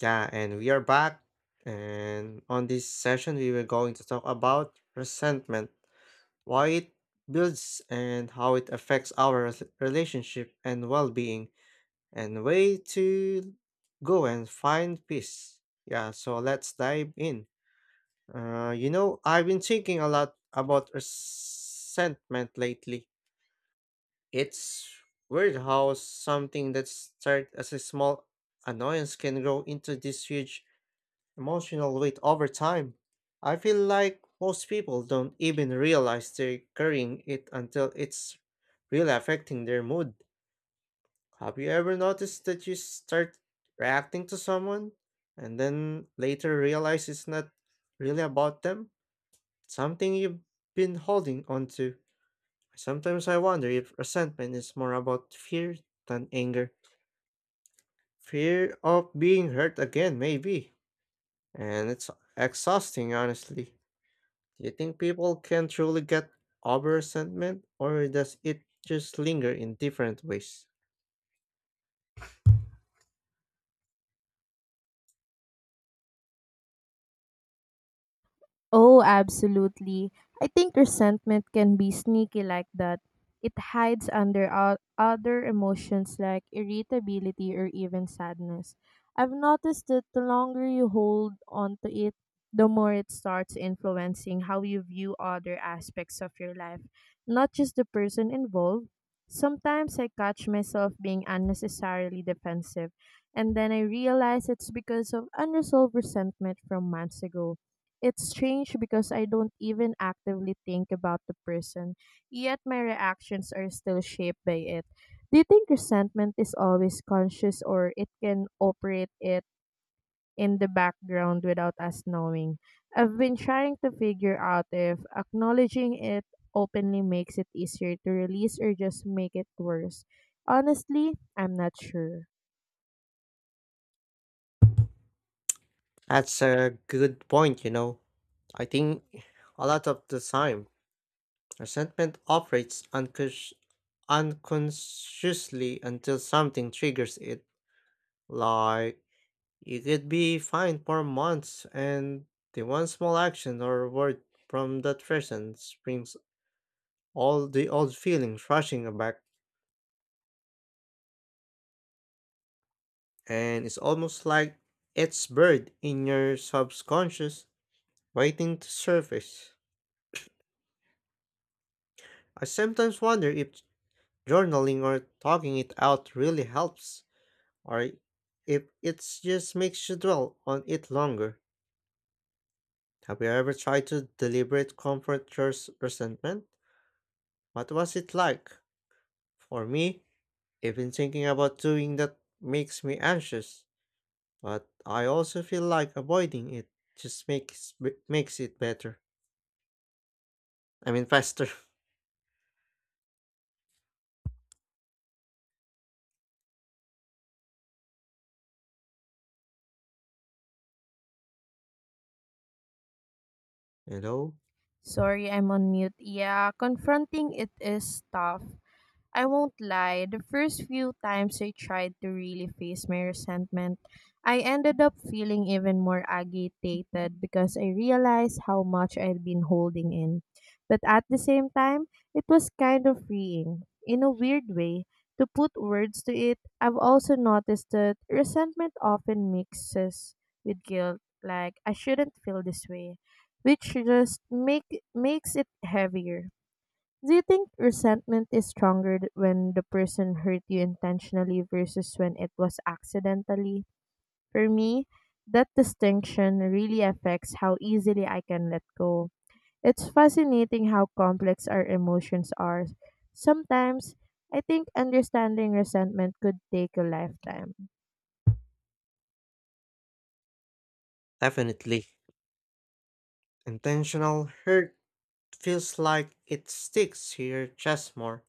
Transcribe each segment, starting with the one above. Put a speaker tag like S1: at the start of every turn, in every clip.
S1: Yeah, and we are back. And on this session, we were going to talk about resentment, why it builds, and how it affects our relationship and well being, and way to go and find peace. Yeah, so let's dive in. I've been thinking a lot about resentment lately. It's weird how something that started as a small annoyance can grow into this huge emotional weight over time. I feel like most people don't even realize they're carrying it until it's really affecting their mood. Have you ever noticed that you start reacting to someone and then later realize it's not really about them? Something you've been holding on to. Sometimes I wonder if resentment is more about fear than anger. Fear of being hurt again, maybe. And it's exhausting, honestly. Do you think people can truly get over resentment, or does it just linger in different ways?
S2: Oh, absolutely. I think resentment can be sneaky like that. It hides under other emotions like irritability or even sadness. I've noticed that the longer you hold on to it, the more it starts influencing how you view other aspects of your life, not just the person involved. Sometimes I catch myself being unnecessarily defensive, and then I realize it's because of unresolved resentment from months ago. It's strange because I don't even actively think about the person, yet my reactions are still shaped by it. Do you think resentment is always conscious or it can operate it in the background without us knowing? I've been trying to figure out if acknowledging it openly makes it easier to release or just make it worse. Honestly, I'm not sure.
S1: That's a good point, you know. I think a lot of the time, resentment operates unconsciously until something triggers it. Like, you could be fine for months, and the one small action or word from that person brings all the old feelings rushing back. And it's almost like it's buried in your subconscious, waiting to surface. I sometimes wonder if journaling or talking it out really helps, or if it just makes you dwell on it longer. Have you ever tried to deliberate comfort your resentment? What was it like? For me, even thinking about doing that makes me anxious, but I also feel like avoiding it just makes it better. I mean faster, you know?
S2: Sorry, I'm on mute. Yeah, confronting it is tough. I won't lie, the first few times I tried to really face my resentment, I ended up feeling even more agitated because I realized how much I'd been holding in. But at the same time, it was kind of freeing. In a weird way, to put words to it, I've also noticed that resentment often mixes with guilt, like I shouldn't feel this way, which just makes it heavier. Do you think resentment is stronger when the person hurt you intentionally versus when it was accidentally? For me, that distinction really affects how easily I can let go. It's fascinating how complex our emotions are. Sometimes, I think understanding resentment could take a lifetime.
S1: Definitely. Intentional hurt feels like it sticks to your chest more,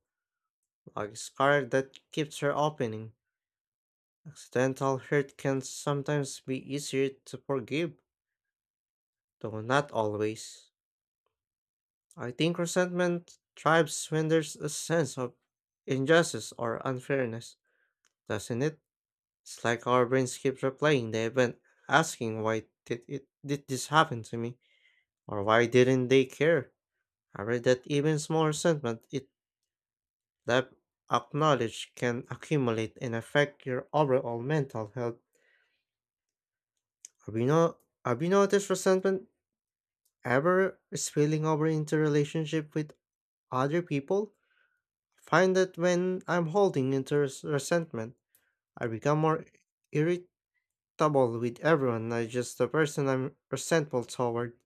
S1: like a scar that keeps her opening. Accidental hurt can sometimes be easier to forgive, though not always. I think resentment thrives when there's a sense of injustice or unfairness, doesn't it? It's like our brains keep replaying the event, asking why did this happen to me? Or why didn't they care? I read that even small resentment it left acknowledged can accumulate and affect your overall mental health. Have you, no- Have you noticed resentment ever spilling over into relationship with other people? I find that when I'm holding into resentment, I become more irritable with everyone, not just the person I'm resentful toward.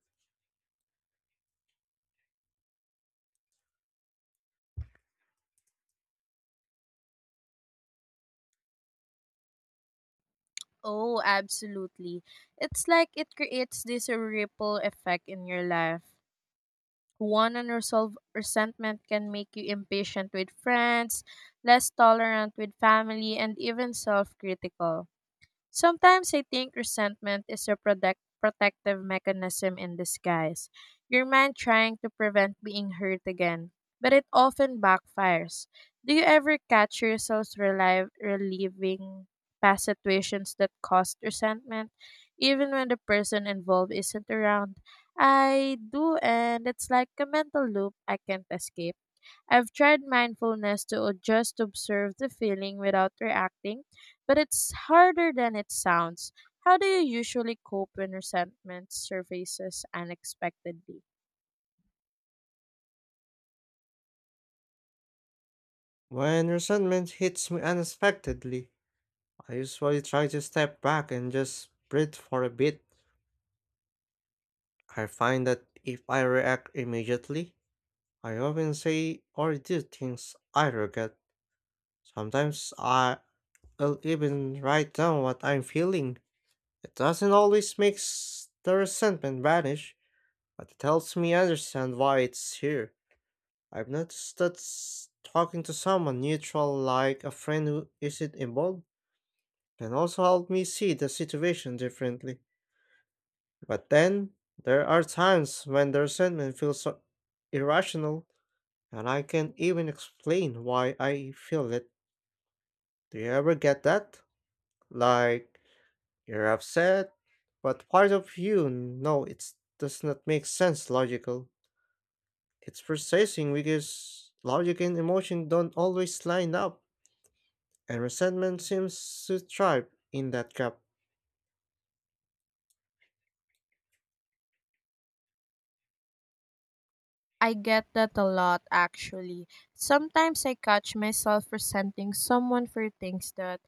S2: Oh, absolutely. It's like it creates this ripple effect in your life. One unresolved resentment can make you impatient with friends, less tolerant with family, and even self critical. Sometimes I think resentment is a protective mechanism in disguise, your mind trying to prevent being hurt again, but it often backfires. Do you ever catch yourselves relieving past situations that caused resentment, even when the person involved isn't around? I do, and it's like a mental loop I can't escape. I've tried mindfulness to just observe the feeling without reacting, but it's harder than it sounds. How do you usually cope when resentment surfaces unexpectedly?
S1: When resentment hits me unexpectedly, I usually try to step back and just breathe for a bit. I find that if I react immediately, I often say or do things I regret. Sometimes I- I'll even write down what I'm feeling. It doesn't always make the resentment vanish, but it helps me understand why it's here. I've noticed that talking to someone neutral, like a friend who isn't involved, can also help me see the situation differently. But then, there are times when the resentment feels so irrational and I can even explain why I feel it. Do you ever get that? Like, you're upset, but part of you know it does not make sense logical. It's processing because logic and emotion don't always line up, and resentment seems to thrive in that gap.
S2: I get that a lot, actually. Sometimes I catch myself resenting someone for things that,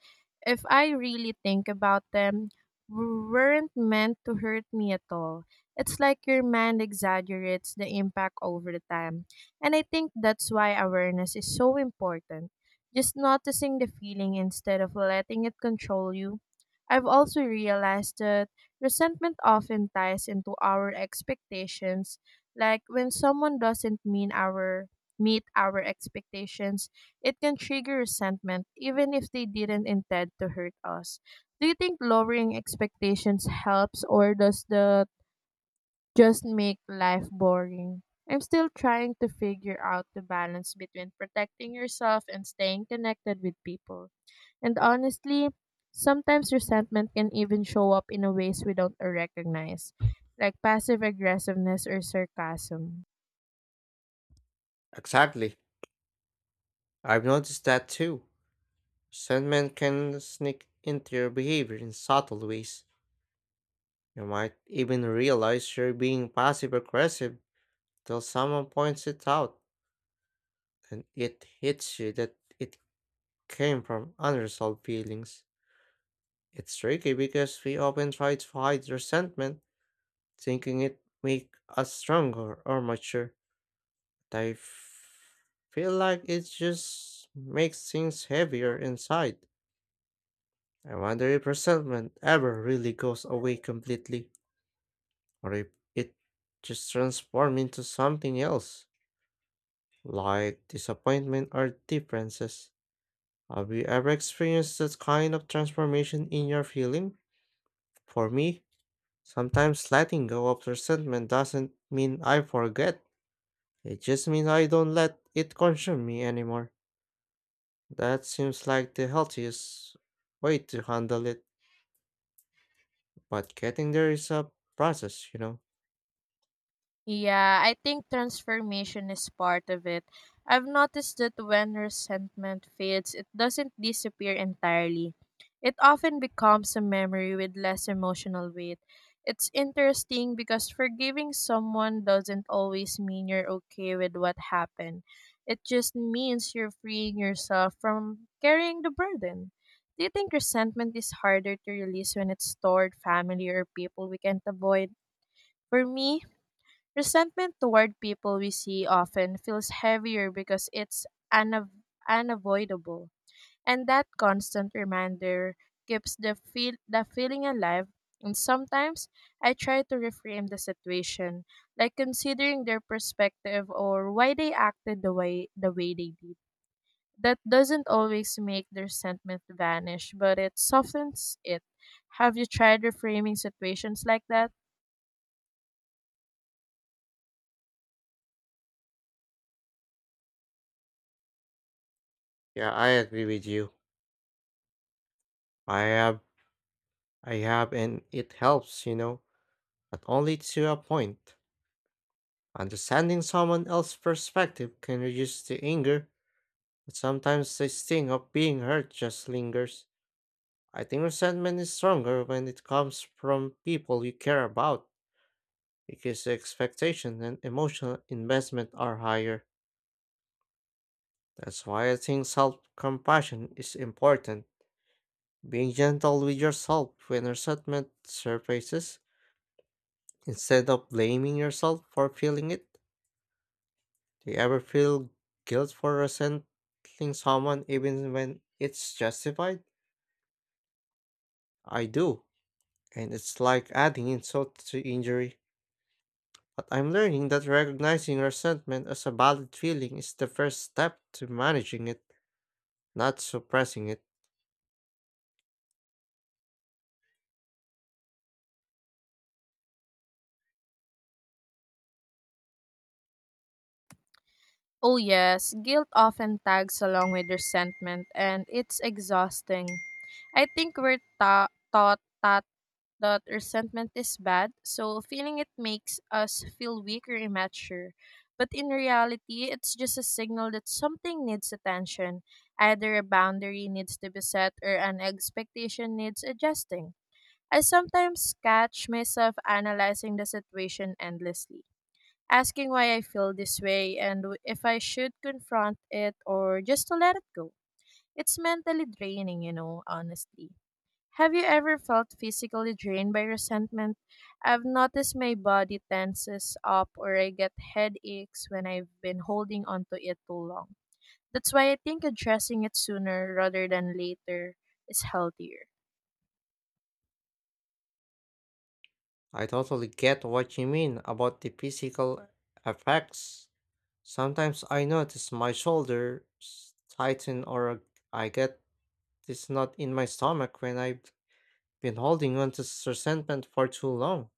S2: if I really think about them, weren't meant to hurt me at all. It's like your mind exaggerates the impact over the time. And I think that's why awareness is so important. Just noticing the feeling instead of letting it control you. I've also realized that resentment often ties into our expectations like when someone doesn't mean our meet our expectations, it can trigger resentment even if they didn't intend to hurt us. Do you think lowering expectations helps or does the just make life boring? I'm still trying to figure out the balance between protecting yourself and staying connected with people. And honestly, sometimes resentment can even show up in a ways we don't recognize, like passive aggressiveness or sarcasm.
S1: Exactly. I've noticed that too. Resentment can sneak into your behavior in subtle ways. You might even realize you're being passive aggressive till someone points it out and it hits you that it came from unresolved feelings. It's tricky because we often try to hide resentment, thinking it make us stronger or mature. But feel like it just makes things heavier inside. I wonder if resentment ever really goes away completely, or if it just transforms into something else, like disappointment or differences. Have you ever experienced that kind of transformation in your feeling? For me, sometimes letting go of resentment doesn't mean I forget. It just means I don't let it consume me anymore. That seems like the healthiest way to handle it, but getting there is a process, you know.
S2: Yeah, I think transformation is part of it. I've noticed that when resentment fades, it doesn't disappear entirely. It often becomes a memory with less emotional weight. It's interesting because forgiving someone doesn't always mean you're okay with what happened. It just means you're freeing yourself from carrying the burden. Do you think resentment is harder to release when it's toward family or people we can't avoid? For me, resentment toward people we see often feels heavier because it's unav- unavoidable, and that constant reminder keeps the feeling alive. And sometimes I try to reframe the situation, like considering their perspective or why they acted the way they did. That doesn't always make the resentment vanish, but it softens it. Have you tried reframing situations like that?
S1: Yeah, I agree with you. I have, I have, and it helps, you know, but only to a point. Understanding someone else's perspective can reduce the anger. But sometimes the sting of being hurt just lingers. I think resentment is stronger when it comes from people you care about because the expectation and emotional investment are higher. That's why I think self compassion is important. Being gentle with yourself when resentment surfaces instead of blaming yourself for feeling it. Do you ever feel guilt for resenting someone even when it's justified? I do. And it's like adding insult to injury. But I'm learning that recognizing resentment as a valid feeling is the first step to managing it, not suppressing it.
S2: Oh, yes, guilt often tags along with resentment, and it's exhausting. I think we're taught that resentment is bad, so feeling it makes us feel weak or immature. But in reality, it's just a signal that something needs attention. Either a boundary needs to be set or an expectation needs adjusting. I sometimes catch myself analyzing the situation endlessly asking why I feel this way and if I should confront it or just to let it go. It's mentally draining, you know, honestly. Have you ever felt physically drained by resentment? I've noticed my body tenses up or I get headaches when I've been holding onto it too long. That's why I think addressing it sooner rather than later is healthier.
S1: I totally get what you mean about the physical effects. Sometimes I notice my shoulders tighten or I get this knot in my stomach when I've been holding on to resentment for too long.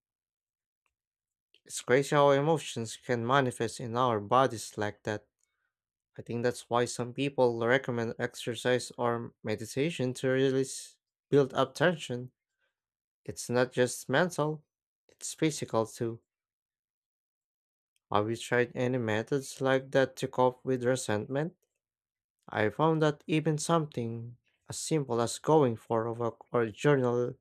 S1: It's crazy how emotions can manifest in our bodies like that. I think that's why some people recommend exercise or meditation to release built up tension. It's not just mental, it's physical too. Have you tried any methods like that to cope with resentment? I found that even something as simple as going for a walk or journaling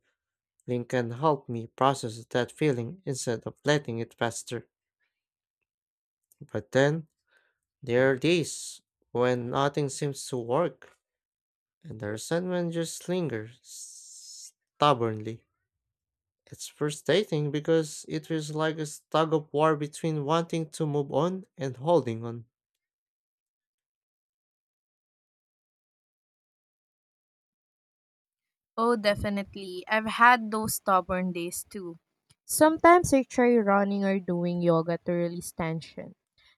S1: can help me process that feeling instead of letting it fester. But then there are days when nothing seems to work and the resentment just lingers stubbornly. It's frustrating because it feels like a tug of war between wanting to move on and holding on.
S2: Oh, definitely. I've had those stubborn days too. Sometimes I try running or doing yoga to release tension,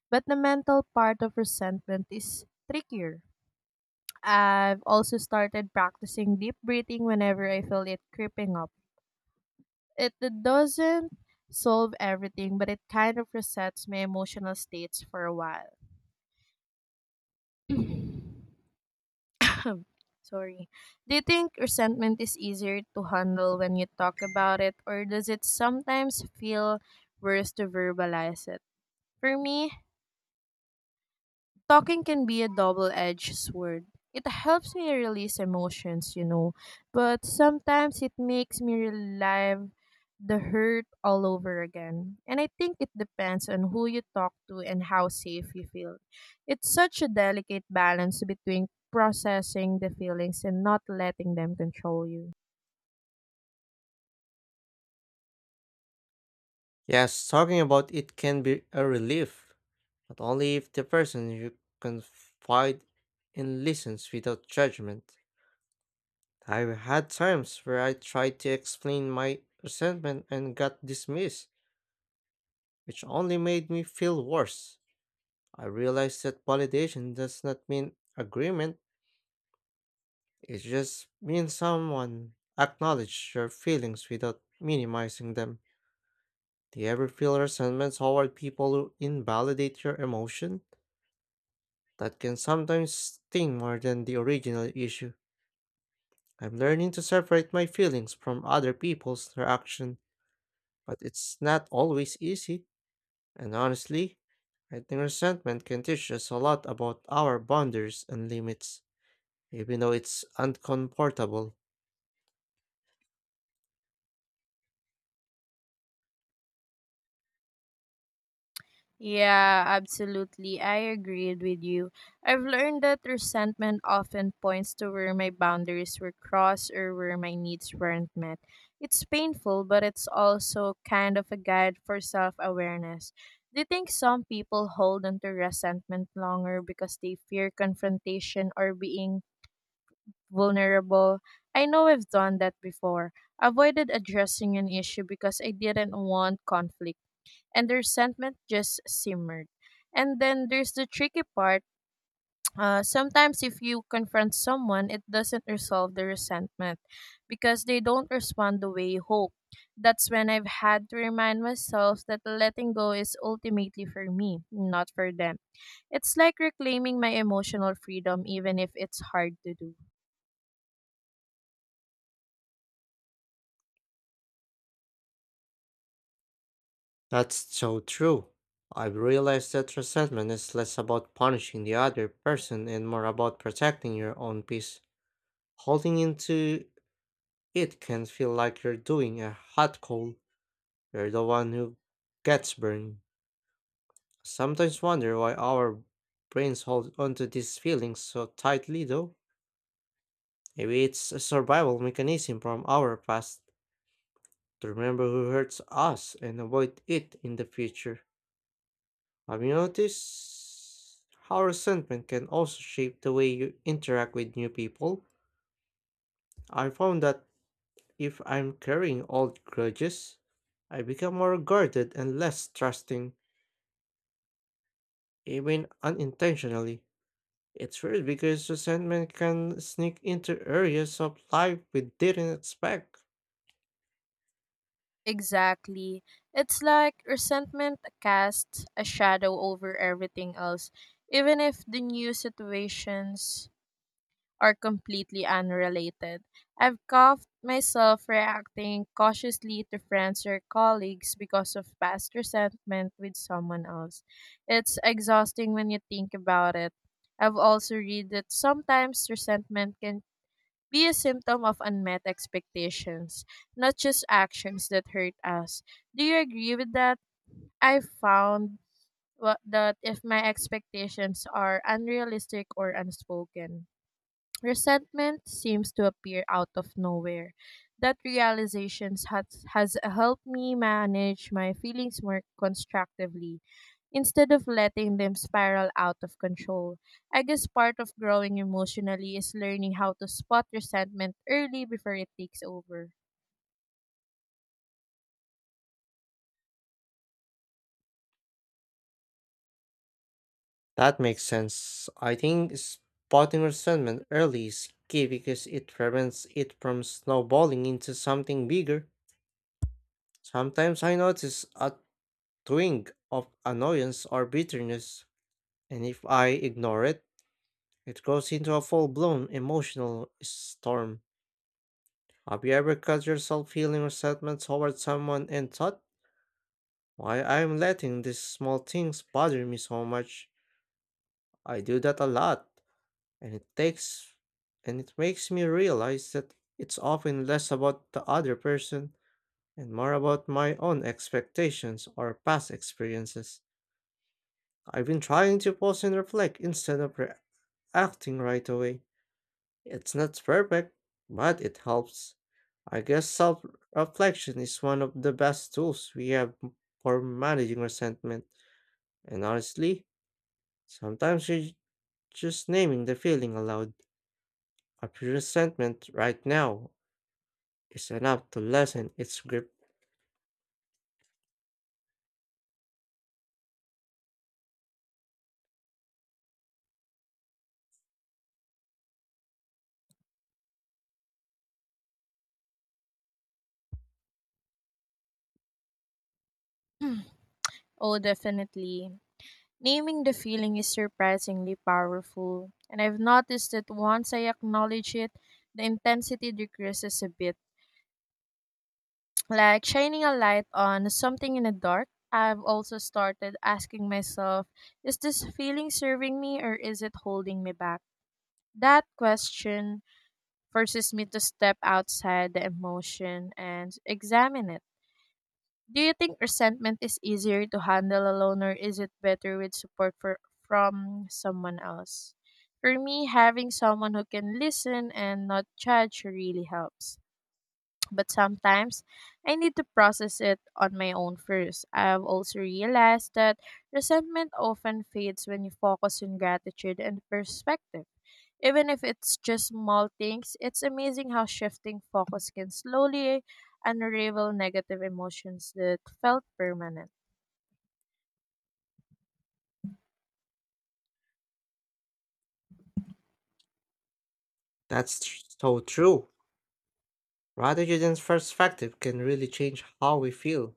S2: but the mental part of resentment is trickier. I've also started practicing deep breathing whenever I feel it creeping up. It doesn't solve everything, but it kind of resets my emotional states for a while. Sorry. Do you think resentment is easier to handle when you talk about it, or does it sometimes feel worse to verbalize it? For me, talking can be a double-edged sword. It helps me release emotions, you know, but sometimes it makes me relive the hurt all over again. And I think it depends on who you talk to and how safe you feel. It's such a delicate balance between processing the feelings and not letting them control you.
S1: Yes, talking about it can be a relief, but only if the person you confide in listens without judgment. I've had times where I tried to explain my resentment and got dismissed, which only made me feel worse. I realized that validation does not mean agreement, it just means someone acknowledges your feelings without minimizing them. Do you ever feel resentment toward people who invalidate your emotion? That can sometimes sting more than the original issue. I'm learning to separate my feelings from other people's reaction, but it's not always easy. And honestly, I think resentment can teach us a lot about our boundaries and limits, even though it's uncomfortable.
S2: Yeah, absolutely. I agreed with you. I've learned that resentment often points to where my boundaries were crossed or where my needs weren't met. It's painful, but it's also kind of a guide for self awareness. Do you think some people hold onto resentment longer because they fear confrontation or being vulnerable? I know I've done that before. Avoided addressing an issue because I didn't want conflict and the resentment just simmered. And then there's the tricky part. Sometimes if you confront someone, it doesn't resolve the resentment because they don't respond the way you hope. That's when I've had to remind myself that letting go is ultimately for me, not for them. It's like reclaiming my emotional freedom, even if it's hard to do.
S1: That's so true. I've realized that resentment is less about punishing the other person and more about protecting your own peace. Holding into it can feel like you're doing a hot coal. You're the one who gets burned. I sometimes wonder why our brains hold onto these feelings so tightly, though. Maybe it's a survival mechanism from our past to remember who hurts us and avoid it in the future. Have you noticed how resentment can also shape the way you interact with new people? I found that if I'm carrying old grudges, I become more guarded and less trusting, even unintentionally. It's weird because resentment can sneak into areas of life we didn't expect.
S2: Exactly. It's like resentment casts a shadow over everything else, even if the new situations are completely unrelated. I've caught myself reacting cautiously to friends or colleagues because of past resentment with someone else. It's exhausting when you think about it. I've also read that sometimes resentment can be a symptom of unmet expectations, not just actions that hurt us. Do you agree with that? I found that if my expectations are unrealistic or unspoken, resentment seems to appear out of nowhere. That realization has helped me manage my feelings more constructively. Instead of letting them spiral out of control, I guess part of growing emotionally is learning how to spot resentment early before it takes over.
S1: That makes sense. I think spotting resentment early is key because it prevents it from snowballing into something bigger. Sometimes I notice a twinge of annoyance or bitterness, and if I ignore it, it goes into a full blown emotional storm. Have you ever caught yourself feeling resentment towards someone and thought? Why I'm letting these small things bother me so much. I do that a lot, and it takes and it makes me realize that it's often less about the other person and more about my own expectations or past experiences. I've been trying to pause and reflect instead of reacting right away. It's not perfect, but it helps. I guess self reflection is one of the best tools we have for managing resentment, and honestly, sometimes just naming the feeling aloud, a resentment right now, is enough to lessen its grip.
S2: Oh, definitely. Naming the feeling is surprisingly powerful, and I've noticed that once I acknowledge it, the intensity decreases a bit like shining a light on something in the dark. I've also started asking myself, is this feeling serving me or is it holding me back? That question forces me to step outside the emotion and examine it. Do you think resentment is easier to handle alone or is it better with from someone else? For me, having someone who can listen and not judge really helps. But sometimes I need to process it on my own first. I've also realized that resentment often fades when you focus on gratitude and perspective. Even if it's just small things, it's amazing how shifting focus can slowly unravel negative emotions that felt permanent.
S1: So true. Ratiogen's perspective can really change how we feel.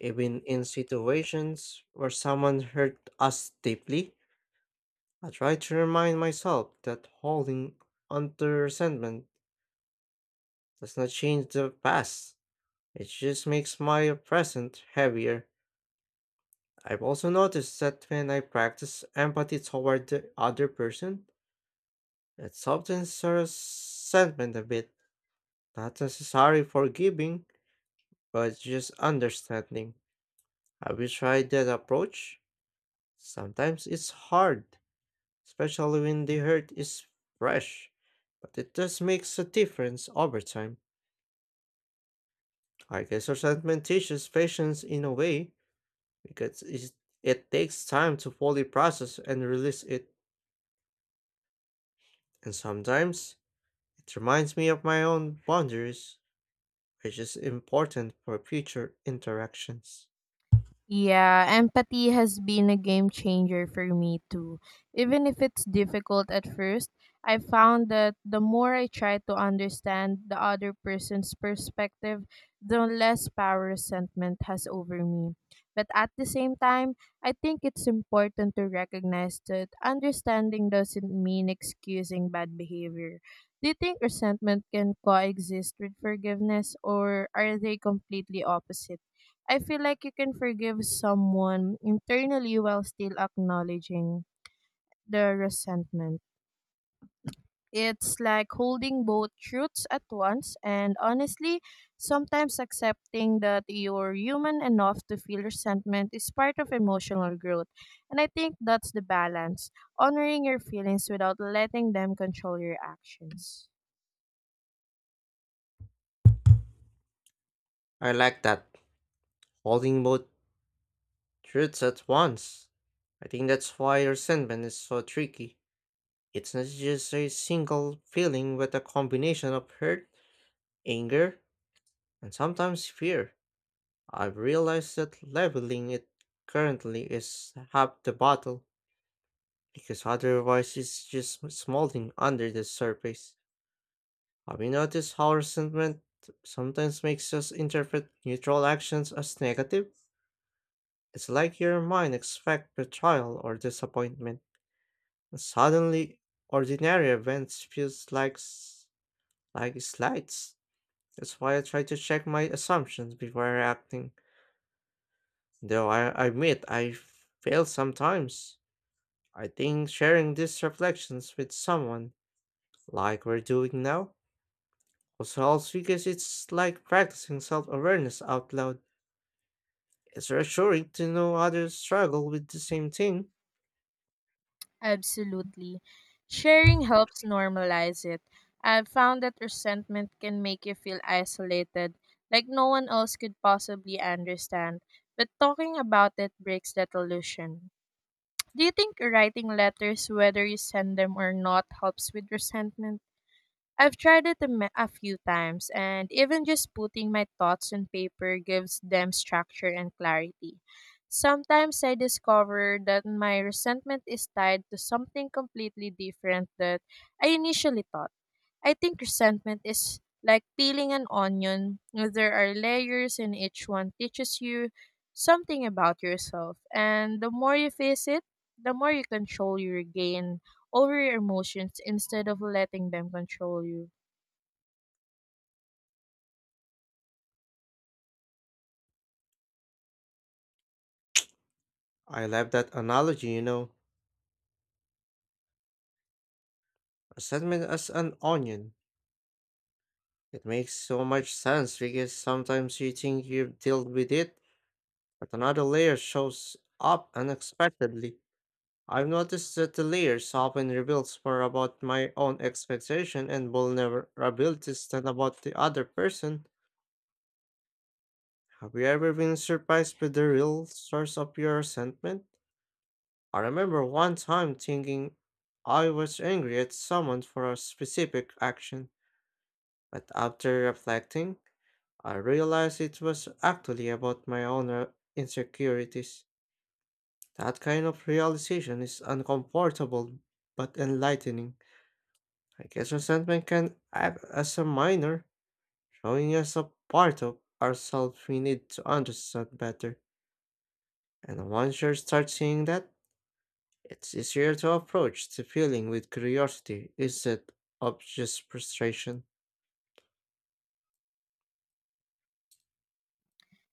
S1: Even in situations where someone hurt us deeply, I try to remind myself that holding onto resentment does not change the past. It just makes my present heavier. I've also noticed that when I practice empathy toward the other person, it softens our sentiment a bit. Not necessarily forgiving, but just understanding. Have you tried that approach? Sometimes it's hard, especially when the hurt is fresh, but it does makes a difference over time. I guess resentment teaches patience in a way, because it takes time to fully process and release it, and sometimes it reminds me of my own boundaries, which is important for future interactions.
S2: Yeah, empathy has been a game changer for me too. Even if it's difficult at first, I found that the more I try to understand the other person's perspective, the less power resentment has over me. But at the same time, I think it's important to recognize that understanding doesn't mean excusing bad behavior. Do you think resentment can coexist with forgiveness, or are they completely opposite? I feel like you can forgive someone internally while still acknowledging the resentment. It's like holding both truths at once, and honestly, sometimes accepting that you're human enough to feel resentment is part of emotional growth. And I think that's the balance honoring your feelings without letting them control your actions.
S1: I like that, holding both truths at once. I think that's why resentment is so tricky. It's not just a single feeling, but a combination of hurt, anger, and sometimes fear. I've realized that leveling it currently is half the battle, because otherwise it's just smoldering under the surface. Have you noticed how resentment sometimes makes us interpret neutral actions as negative? It's like your mind expects betrayal or disappointment, and suddenly ordinary events feels like like slights. That's why I try to check my assumptions before reacting. Though I admit I fail sometimes. I think sharing these reflections with someone, like we're doing now, also helps because it's like practicing self-awareness out loud. It's reassuring to know others struggle with the same thing.
S2: Absolutely. Sharing helps normalize it. I've found that resentment can make you feel isolated, like no one else could possibly understand. But talking about it breaks that illusion. Do you think writing letters, whether you send them or not, helps with resentment? I've tried it a few times, and even just putting my thoughts on paper gives them structure and clarity. Sometimes I discover that my resentment is tied to something completely different that I initially thought. I think resentment is like peeling an onion. There are layers, and each one teaches you something about yourself. And the more you face it, the more you control your gain over your emotions instead of letting them control you.
S1: I love that analogy, you know. Resentment as an onion. It makes so much sense because sometimes you think you've dealt with it, but another layer shows up unexpectedly. I've noticed that the layers often reveals more about my own expectation and vulnerabilities than about the other person. Have you ever been surprised by the real source of your resentment? I remember one time thinking I was angry at someone for a specific action, but after reflecting, I realized it was actually about my own insecurities. That kind of realization is uncomfortable but enlightening. I guess resentment can act as a minor, showing us a part of ourselves we need to understand better. And once you start seeing that, it's easier to approach the feeling with curiosity, is it obvious frustration?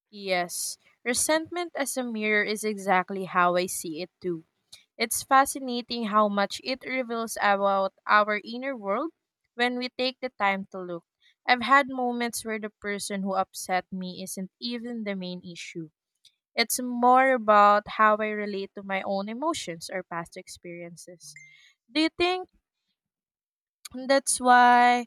S2: Yes, resentment as a mirror is exactly how I see it too. It's fascinating how much it reveals about our inner world when we take the time to look. I've had moments where the person who upset me isn't even the main issue. It's more about how I relate to my own emotions or past experiences. Do you think that's why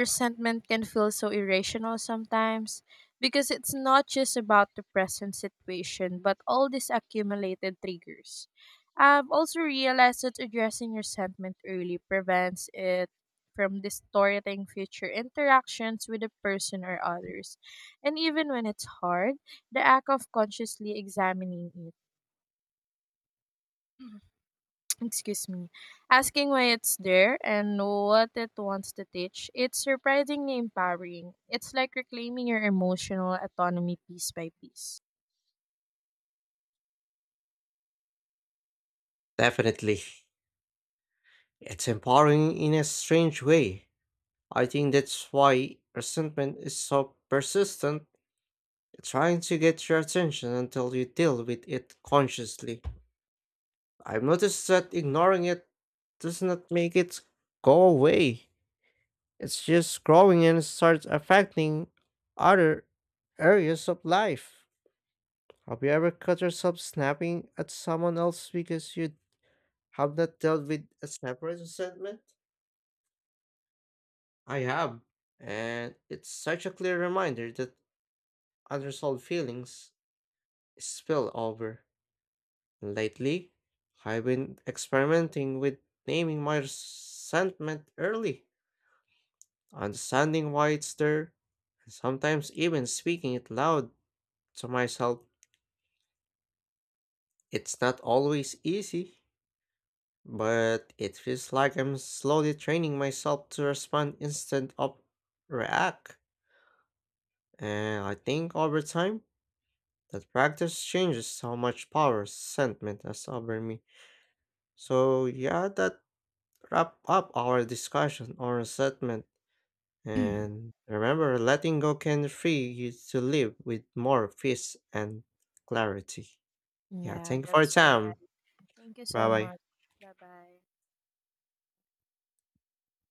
S2: resentment can feel so irrational sometimes because it's not just about the present situation, but all these accumulated triggers. I've also realized that addressing resentment early prevents it from distorting future interactions with a person or others. And even when it's hard, the act of consciously examining it excuse me, asking why it's there and what it wants to teach, it's surprisingly empowering. It's like reclaiming your emotional autonomy piece by piece.
S1: Definitely. It's empowering in a strange way. I think that's why resentment is so persistent, trying to get your attention until you deal with it consciously. I've noticed that ignoring it does not make it go away. It's just growing and starts affecting other areas of life. Have you ever caught yourself snapping at someone else because you have not dealt with a separate resentment? I have, and it's such a clear reminder that unresolved feelings spill over. Lately, I've been experimenting with naming my resentment early, understanding why it's there, and sometimes even speaking it loud to myself. It's not always easy, but it feels like I'm slowly training myself to respond instead of react. And I think over time, that practice changes how much power sentiment has over me. So yeah, that wrap up our discussion on resentment. And remember, letting go can free you to live with more peace and clarity. Yeah,
S2: Yeah,
S1: thank you for your
S2: that's right.
S1: time.
S2: Thank you
S1: Bye
S2: so
S1: bye.
S2: much. Bye bye.